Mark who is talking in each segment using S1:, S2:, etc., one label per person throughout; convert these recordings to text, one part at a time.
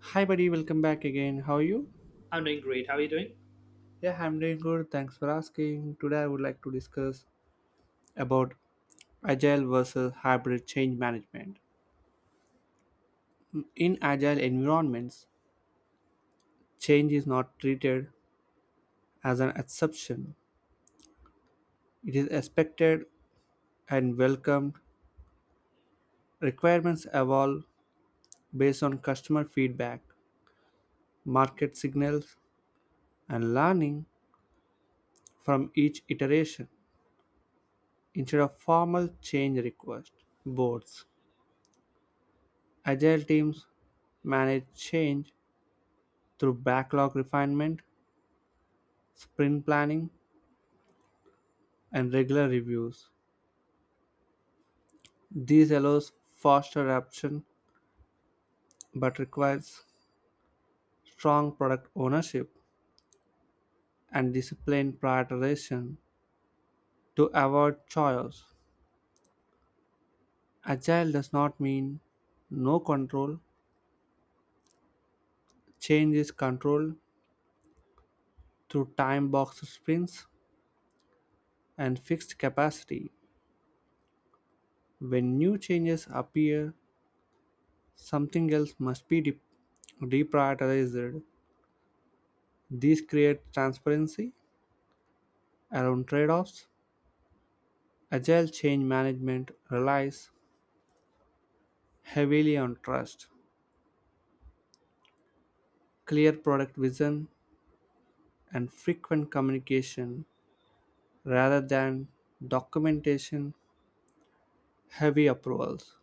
S1: Hi, buddy, welcome back again. How are you?
S2: I'm doing great. How are you doing?
S1: Yeah, I'm doing good. Thanks for asking. Today, I would like to discuss about agile versus hybrid change management. In agile environments, change is not treated as an exception, it is expected and welcomed. Requirements evolve based on customer feedback, market signals, and learning from each iteration instead of formal change request boards. Agile teams manage change through backlog refinement, sprint planning, and regular reviews. This allows faster adoption but requires strong product ownership and disciplined prioritization to avoid chaos. Agile does not mean no control. Change is controlled through time box sprints and fixed capacity. When new changes appear, something else must be deprioritized. These create transparency around trade offs. Agile change management relies heavily on trust, clear product vision, and frequent communication rather than documentation heavy approvals.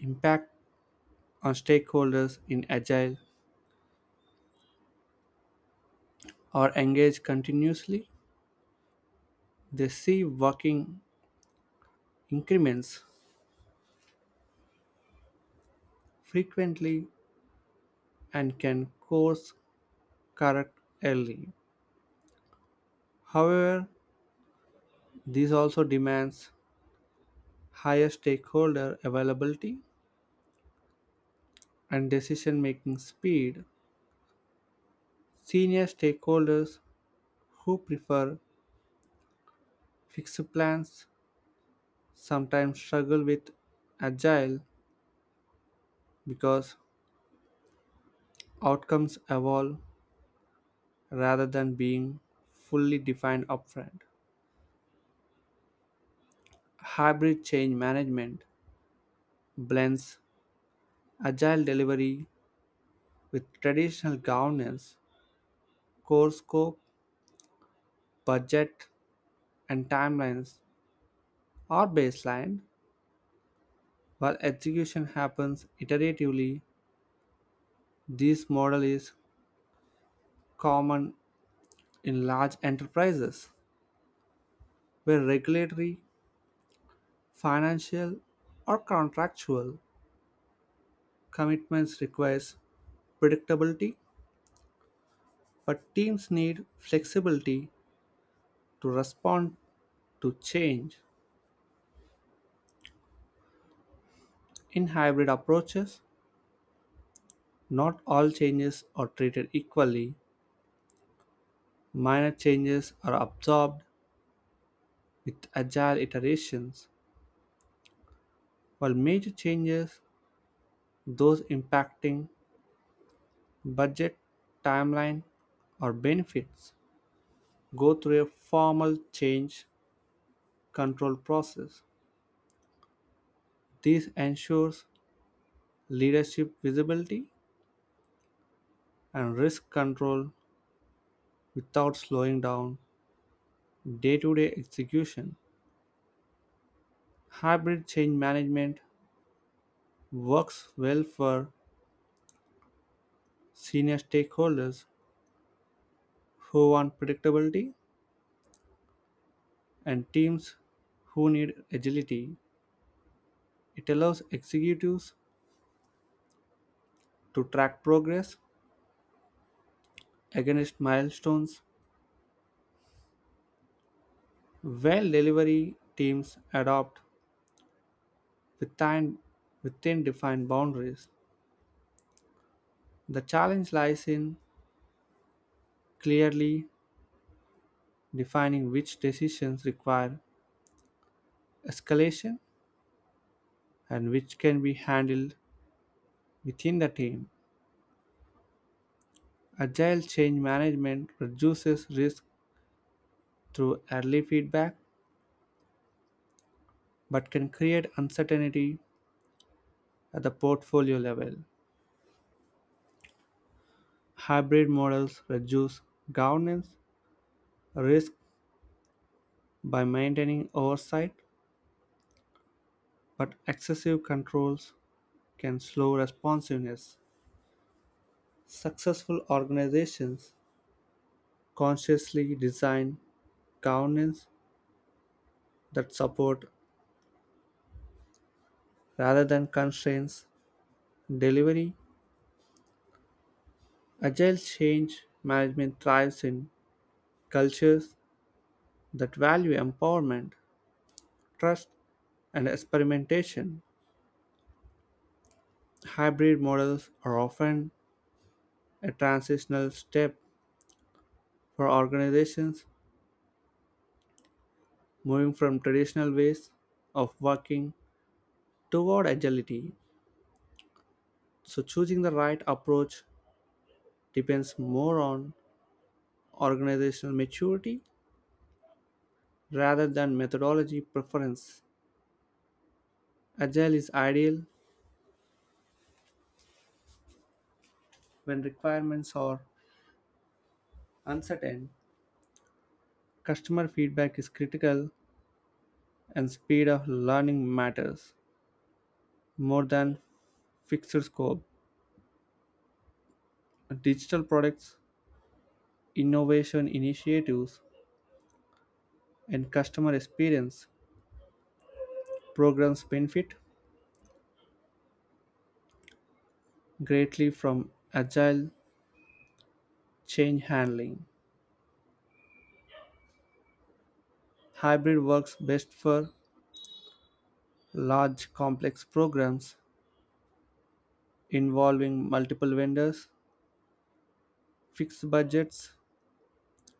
S1: Impact on stakeholders in Agile are engaged continuously. They see working increments frequently and can course correct early. However, this also demands higher stakeholder availability and decision making speed. Senior stakeholders who prefer fixed plans sometimes struggle with agile because outcomes evolve rather than being fully defined upfront. Hybrid change management blends agile delivery with traditional governance, core scope, budget, and timelines are baseline, while execution happens iteratively. This model is common in large enterprises where regulatory, financial, or contractual commitments require predictability, but teams need flexibility to respond to change. In hybrid approaches, not all changes are treated equally. Minor changes are absorbed with agile iterations. While major changes, those impacting budget, timeline, or benefits go through a formal change control process. This ensures leadership visibility and risk control without slowing down day to day execution. Hybrid change management works well for senior stakeholders who want predictability and teams who need agility. It allows executives to track progress against milestones, while delivery teams adopt within, within defined boundaries. The challenge lies in clearly defining which decisions require escalation and which can be handled within the team. Agile change management reduces risk through early feedback but can create uncertainty at the portfolio level. Hybrid models reduce governance risk by maintaining oversight, but excessive controls can slow responsiveness. Successful organizations consciously design governance that support rather than constraints delivery. Agile change management thrives in cultures that value empowerment, trust, and experimentation. Hybrid models are often a transitional step for organizations moving from traditional ways of working toward agility. So, choosing the right approach depends more on organizational maturity rather than methodology preference. Agile is ideal when requirements are uncertain, customer feedback is critical, and speed of learning matters more than fixed scope. Digital products, innovation initiatives, and customer experience programs benefit greatly from agile change handling. Hybrid works best for large complex programs involving multiple vendors, fixed budgets,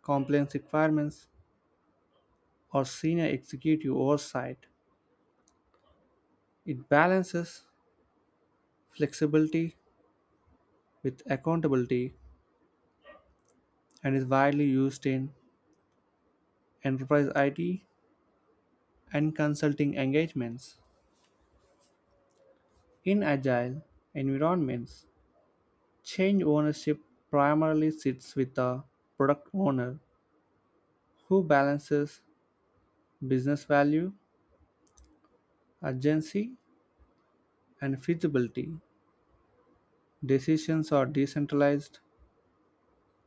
S1: compliance requirements, or senior executive oversight. It balances flexibility with accountability and is widely used in enterprise IT and consulting engagements. In agile environments, change ownership primarily sits with the product owner who balances business value, urgency, and feasibility. Decisions are decentralized,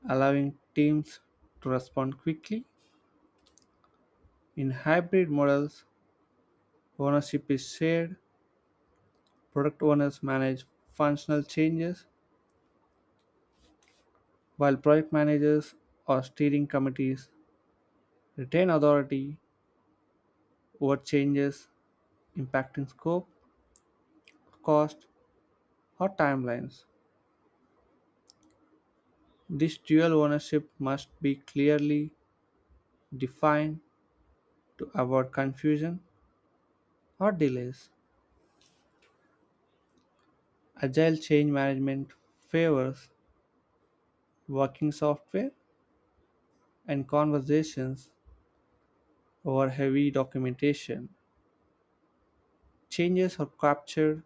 S1: allowing teams to respond quickly. In hybrid models, ownership is shared, product owners manage functional changes, while project managers or steering committees retain authority over changes impacting scope, cost, or timelines. This dual ownership must be clearly defined to avoid confusion or delays. Agile change management favors working software and conversations over heavy documentation. Changes are captured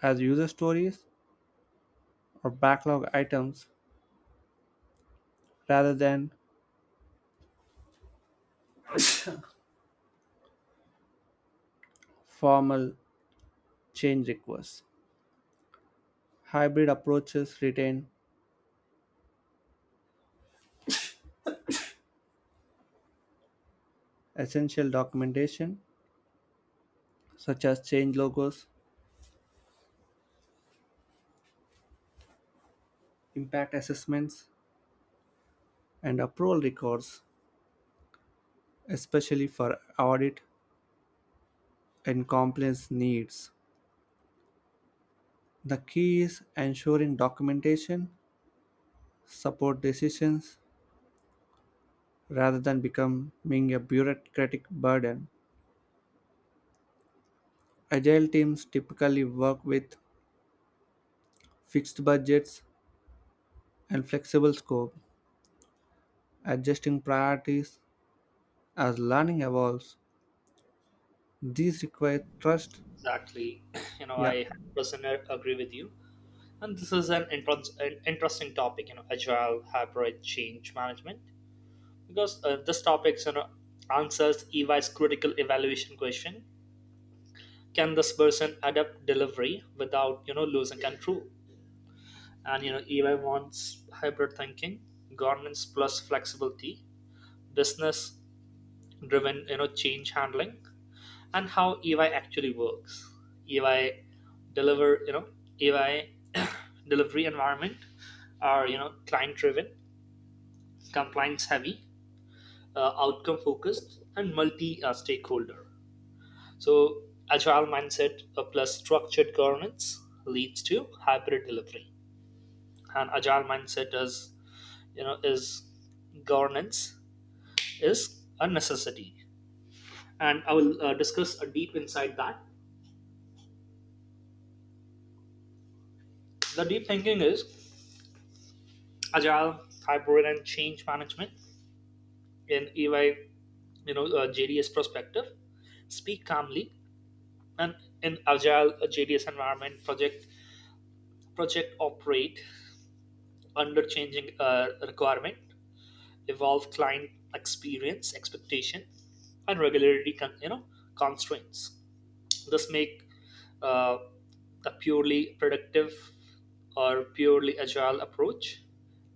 S1: as user stories or backlog items rather than formal change requests. Hybrid approaches retain essential documentation such as change logos, impact assessments, and approval records, especially for audit and compliance needs. The key is ensuring documentation support decisions rather than becoming a bureaucratic burden. Agile teams typically work with fixed budgets and flexible scope, adjusting priorities as learning evolves. These require trust.
S2: Exactly. You know,
S1: Yeah,
S2: I 100% agree with you. And this is an interesting topic, you know, agile hybrid change management, because this topic, you know, answers EY's critical evaluation question: can this person adapt delivery without, you know, losing control? And you know, EY wants hybrid thinking, governance plus flexibility, business-driven, you know, change handling, and how EY actually works. EY deliver, you know, EY delivery environment are you know client driven, compliance heavy, outcome focused, and multi stakeholder. So agile mindset plus structured governance leads to hybrid delivery. And agile mindset is you know is governance is a necessity, and I will discuss a deep inside that. The deep thinking is agile, hybrid, and change management in EY, you know, JDS perspective. Speak calmly, and in agile JDS environment, project operate under changing requirement, evolve client experience, expectation, and regularity, you know, constraints. So this make uh, a purely productive or purely agile approach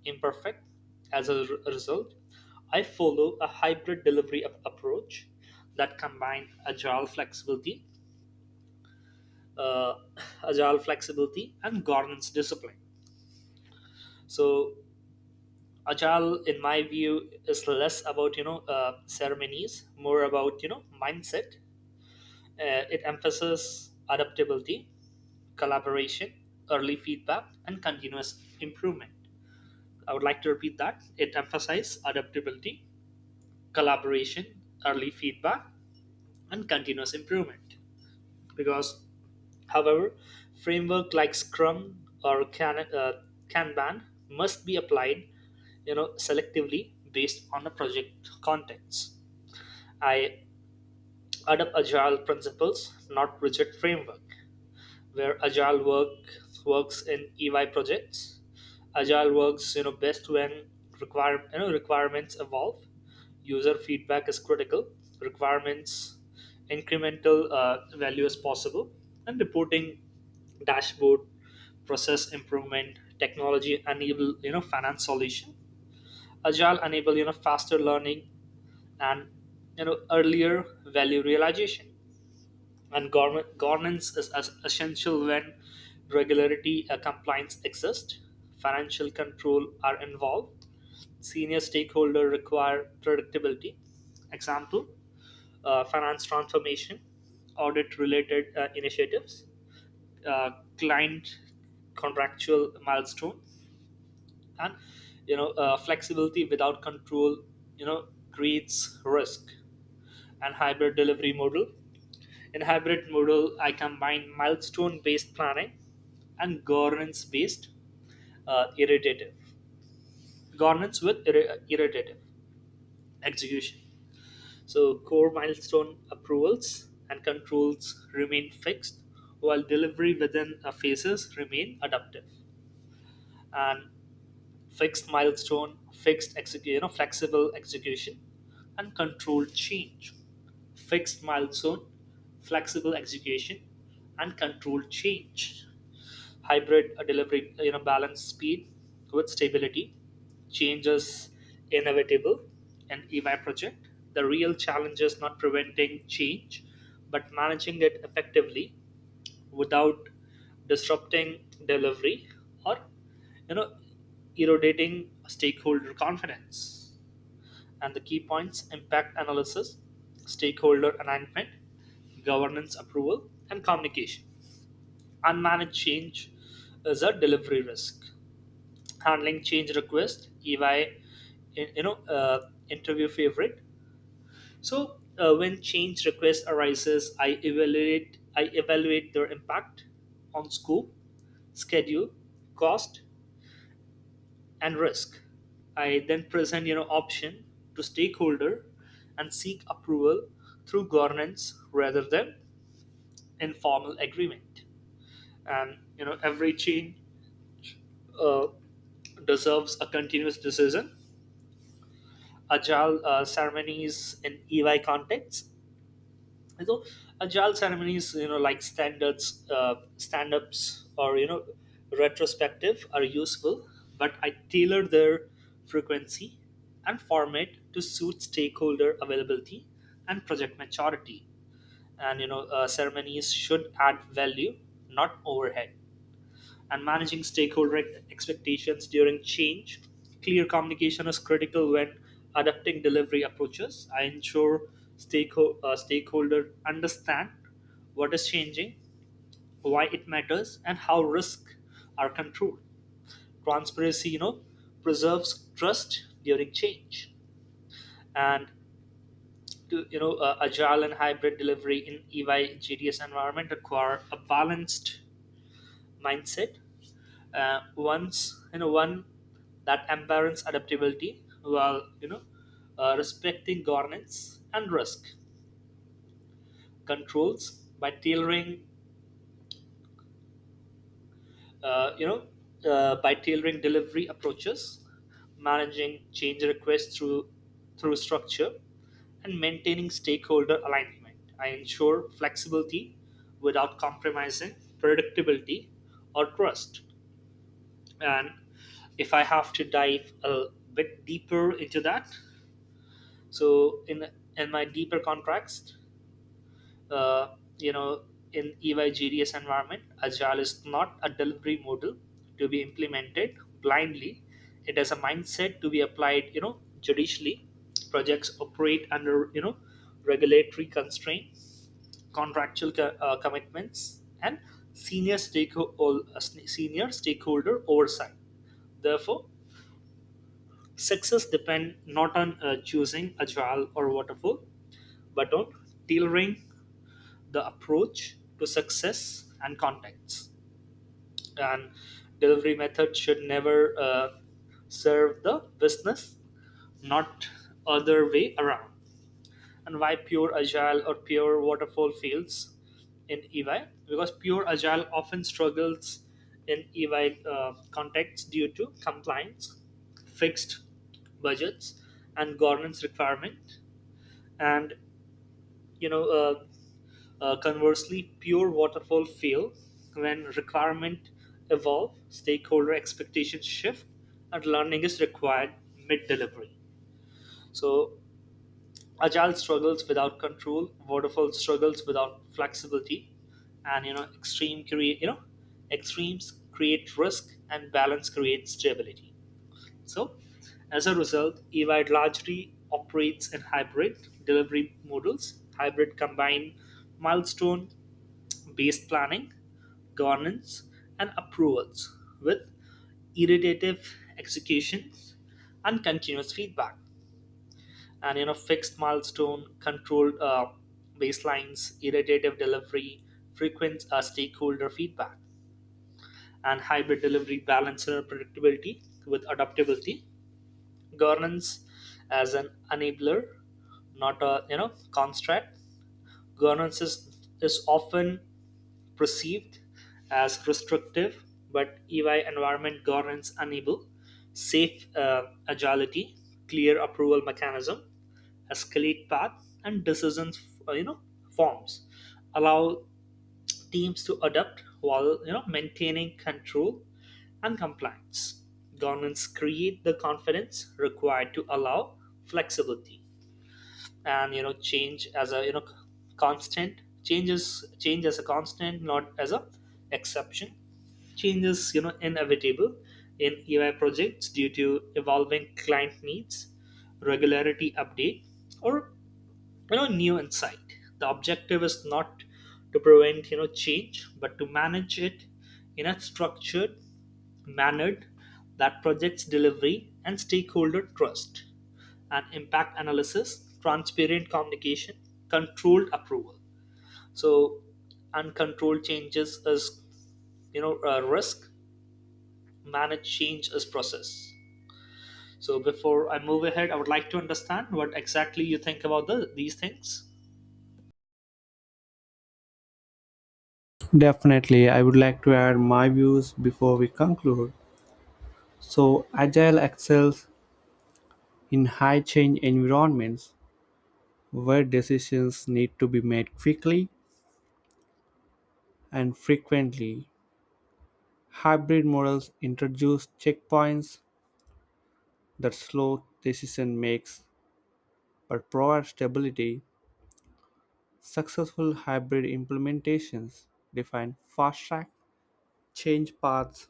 S2: imperfect. As a result, I follow a hybrid delivery approach that combine agile flexibility, uh, agile flexibility and governance discipline. So agile, in my view, is less about you know ceremonies, more about you know mindset. It emphasizes adaptability collaboration, early feedback, and continuous improvement. I would like to repeat that. It emphasizes adaptability, collaboration, early feedback, and continuous improvement. Because, however, framework like Scrum or Kanban must be applied, you know, selectively based on the project context. I adopt agile principles, not rigid framework. Where agile works in EY projects, agile works you know best when require you know requirements evolve, user feedback is critical, requirements incremental value is possible, and reporting dashboard process improvement technology enable you know finance solution. Agile enable you know faster learning and you know earlier value realization. And governance is as essential when regularity compliance exist, financial control are involved, senior stakeholder require predictability, example finance transformation, audit related initiatives, uh, client contractual milestone, and you know flexibility without control you know creates risk. And hybrid delivery model: in hybrid model, I combine milestone-based planning and governance-based iterative governance with iterative execution. So core milestone approvals and controls remain fixed, while delivery within phases remain adaptive. And fixed milestone, you know, flexible execution, and controlled change. Fixed milestone, flexible execution, and controlled change. Hybrid delivery, you know, balance speed with stability. Change is inevitable in EY project. The real challenge is not preventing change, but managing it effectively without disrupting delivery or you know eroding stakeholder confidence. And the key points: impact analysis, stakeholder alignment, governance approval, and communication. Unmanaged change is a delivery risk. Handling change request EY you know interview favorite. So when change request arises, I evaluate their impact on scope, schedule, cost, and risk. I then present you know option to stakeholder and seek approval through governance rather than informal agreement. And you know every change uh, deserves a continuous decision. Agile ceremonies in EY context. And so agile ceremonies, you know, like standards, stand-ups, or you know, retrospective are useful, but I tailor their frequency and format to suit stakeholder availability and project maturity. And you know, ceremonies should add value, not overhead. And managing stakeholder expectations during change: clear communication is critical when adapting delivery approaches. I ensure stakeholder understand what is changing, why it matters, and how risks are controlled. Transparency, you know, preserves trust during change. And to, you know, agile and hybrid delivery in EY GDS environment require a balanced mindset, one's you know one that embraces adaptability while you know respecting governance and risk controls. By tailoring uh, you know uh, by tailoring delivery approaches, managing change requests through structure, and maintaining stakeholder alignment, I ensure flexibility without compromising predictability or trust. And if I have to dive a bit deeper into that, so in my deeper context, uh, you know, in EY GDS environment, agile is not a delivery model to be implemented blindly. It is a mindset to be applied you know judicially. Projects operate under you know regulatory constraints, contractual commitments, and senior stakeholder senior stakeholder oversight. Therefore, success depends not on choosing agile or waterfall, but on tailoring the approach to success and context. And delivery method should never serve the business, not other way around. And why pure agile or pure waterfall fails in EY: because pure agile often struggles in EY context due to compliance, fixed budgets, and governance requirement. And you know, conversely, pure waterfall fail when requirement evolve, stakeholder expectations shift, and learning is required mid delivery. So agile struggles without control. Waterfall struggles without flexibility, and you know extremes create risk, and balance creates stability. So, as a result, EY largely operates in hybrid delivery models. Hybrid combine milestone-based planning, governance, and approvals with iterative executions and continuous feedback and you know fixed milestone controlled baselines, iterative delivery, frequent stakeholder feedback. And hybrid delivery balance predictability with adaptability. Governance as an enabler, not a you know construct. Governance is often perceived as restrictive, but EY environment governance enable safe agility. Clear approval mechanism, escalate paths, and decisions you know forms allow teams to adapt while you know maintaining control and compliance. Governments create the confidence required to allow flexibility. And you know change as a you know constant, change as a constant, not as a exception. Change is you know inevitable in EY projects due to evolving client needs, regularity update, or you know new insight. The objective is not to prevent you know change but to manage it in a structured manner that projects delivery and stakeholder trust. And impact analysis, transparent communication, controlled approval. So uncontrolled changes is you know a risk. Manage change is process. So before I move ahead, I would like to understand what exactly you think about these things.
S1: definitely. I would like to add my views before we conclude. So, Agile excels in high-change environments, where decisions need to be made quickly and frequently, hybrid models introduce checkpoints that slow decision makes but provide stability. Successful hybrid implementations define fast-track change paths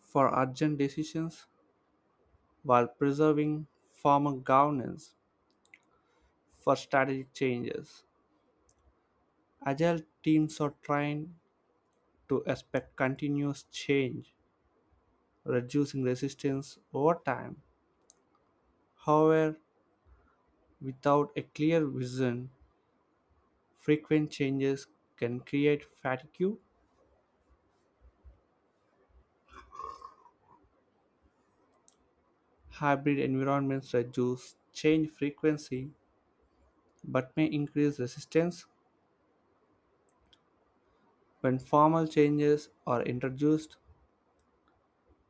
S1: for urgent decisions while preserving former governance for strategic changes. Agile teams are trained to expect continuous change reducing resistance over time. However, without a clear vision, frequent changes can create fatigue. Hybrid environments reduce change frequency but may increase resistance when formal changes are introduced.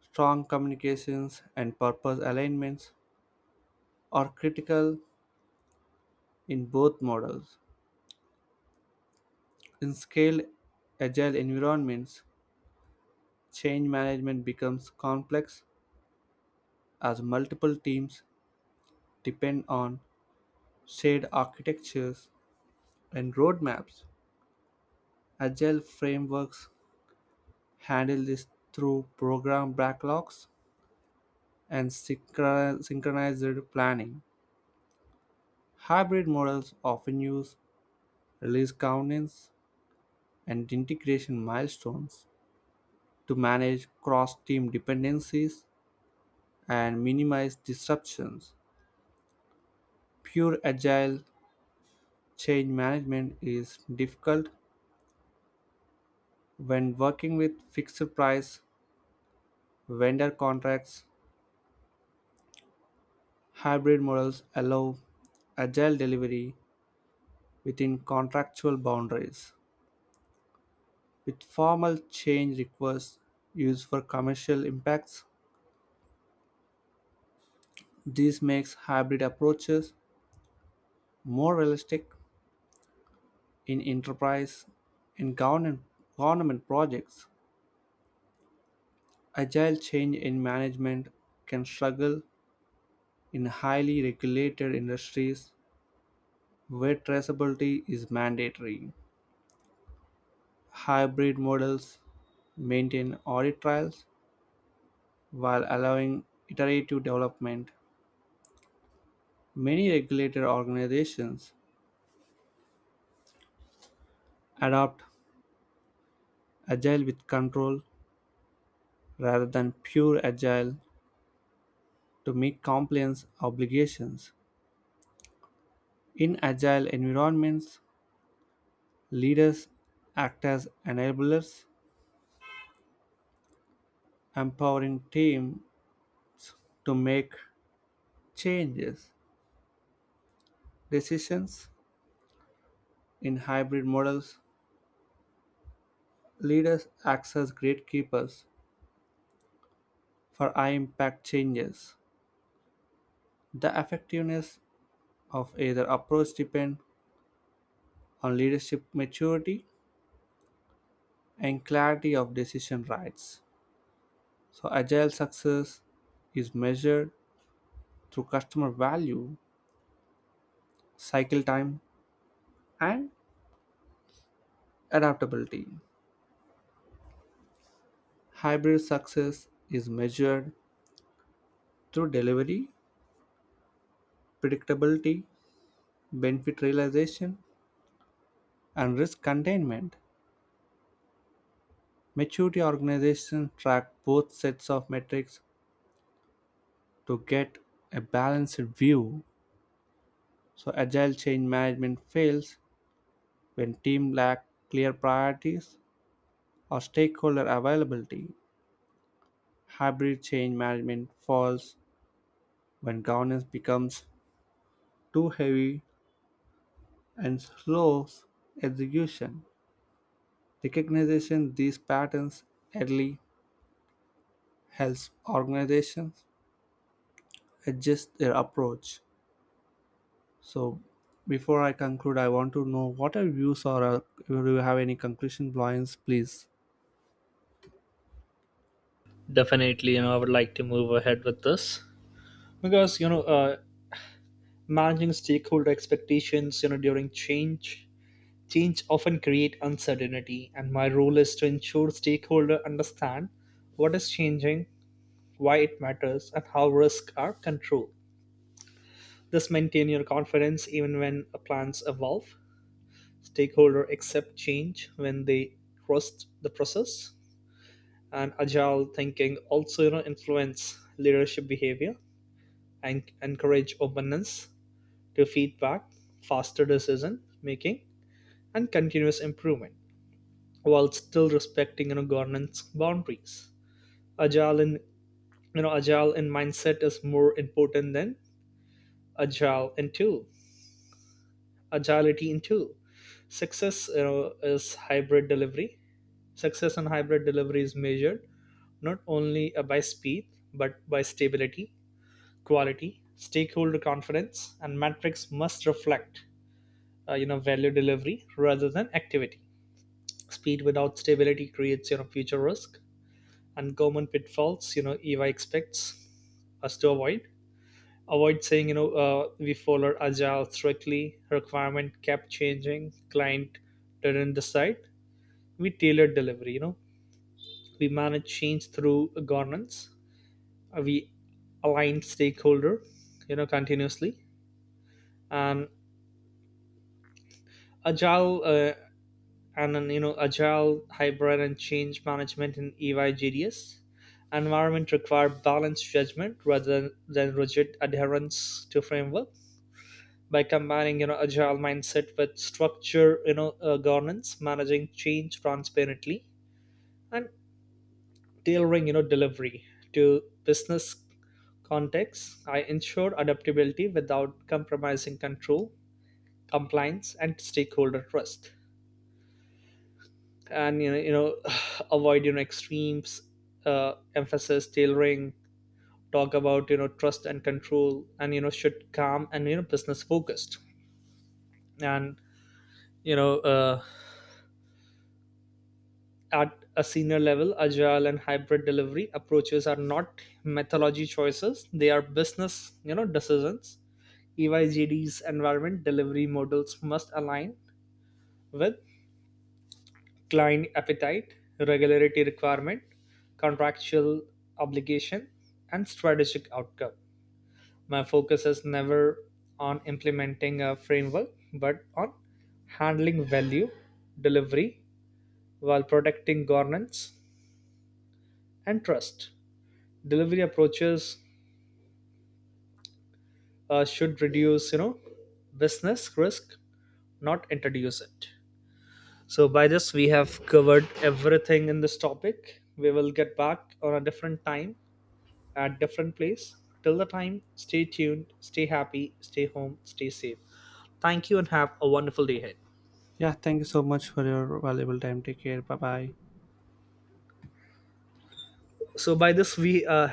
S1: Strong communications and purpose alignments are critical in both models. In scaled agile environments, change management becomes complex as multiple teams depend on shared architectures and roadmaps. Agile frameworks handle this through program backlogs and synchronized planning. Hybrid models often use release governance and integration milestones to manage cross team dependencies and minimize disruptions. Pure agile change management is difficult when working with fixed price vendor contracts. Hybrid models allow agile delivery within contractual boundaries, with formal change requests used for commercial impacts. This makes hybrid approaches more realistic in enterprise and government projects. Agile change in management can struggle in highly regulated industries where traceability is mandatory. Hybrid models maintain audit trails while allowing iterative development, many regulator organizations adopt agile with control rather than pure agile to meet compliance obligations. In agile environments, leaders act as enablers, empowering teams to make changes. Decisions in hybrid models, leaders act as gatekeepers for high impact changes. The effectiveness of either approach depend on leadership maturity and clarity of decision rights. So agile success is measured through customer value, cycle time, and adaptability. Hybrid success is measured through delivery, predictability, benefit realization, and risk containment. Maturity organizations track both sets of metrics to get a balanced view. So agile change management fails when teams lack clear priorities or stakeholder availability, hybrid change management falls when governance becomes too heavy and slows execution. Recognizing these patterns early helps organizations adjust their approach. So, before I conclude, I want to know what are views or do you have any conclusion points, please?
S2: Definitely, you know, I would like to move ahead with this because you know, managing stakeholder expectations, you know, during change, change often create uncertainty, and my role is to ensure stakeholder understand what is changing, why it matters, and how risks are controlled. This maintain your confidence even when plans evolve. Stakeholder accept change when they trust the process, and agile thinking also you know influence leadership behavior and encourage openness to feedback, faster decision making, and continuous improvement while still respecting you know, governance boundaries. Agile in agile in mindset is more important than agile in tool. Agility in tool. Success you know is hybrid delivery. Success in hybrid delivery is measured not only by speed but by stability, quality, stakeholder confidence. And metrics must reflect you know value delivery rather than activity. Speed without stability creates you know future risk. And common pitfalls you know eva expects us to avoid: avoid saying you know we follow agile strictly, requirement kept changing, client didn't decide. We tailor delivery, you know, we manage change through governance. We align stakeholder you know continuously. And agile and then you know agile, hybrid, and change management in EY JDS environment require balanced judgment rather than rigid adherence to framework. By combining you know agile mindset with structure you know governance, managing change transparently, and tailoring you know delivery to business context, I ensured adaptability without compromising control, compliance, and stakeholder trust. And avoid you know extremes, emphasis tailoring, talk about you know trust and control, and you know should calm and you know business focused. And you know at a senior level, agile and hybrid delivery approaches are not methodology choices, they are business you know decisions. EY JDS environment delivery models must align with client appetite, regularity requirement, contractual obligation, and strategic outcome. My focus is never on implementing a framework, but on handling value delivery while protecting governance and trust. Delivery approaches should reduce, you know, business risk, not introduce it. So by this, we have covered everything in this topic. We will get back on a different time at different place. Till the time, stay tuned, stay happy, stay home, stay safe. Thank you and have a wonderful day ahead.
S1: Yeah, thank you so much for your valuable time. Take care. Bye bye.
S2: So by this we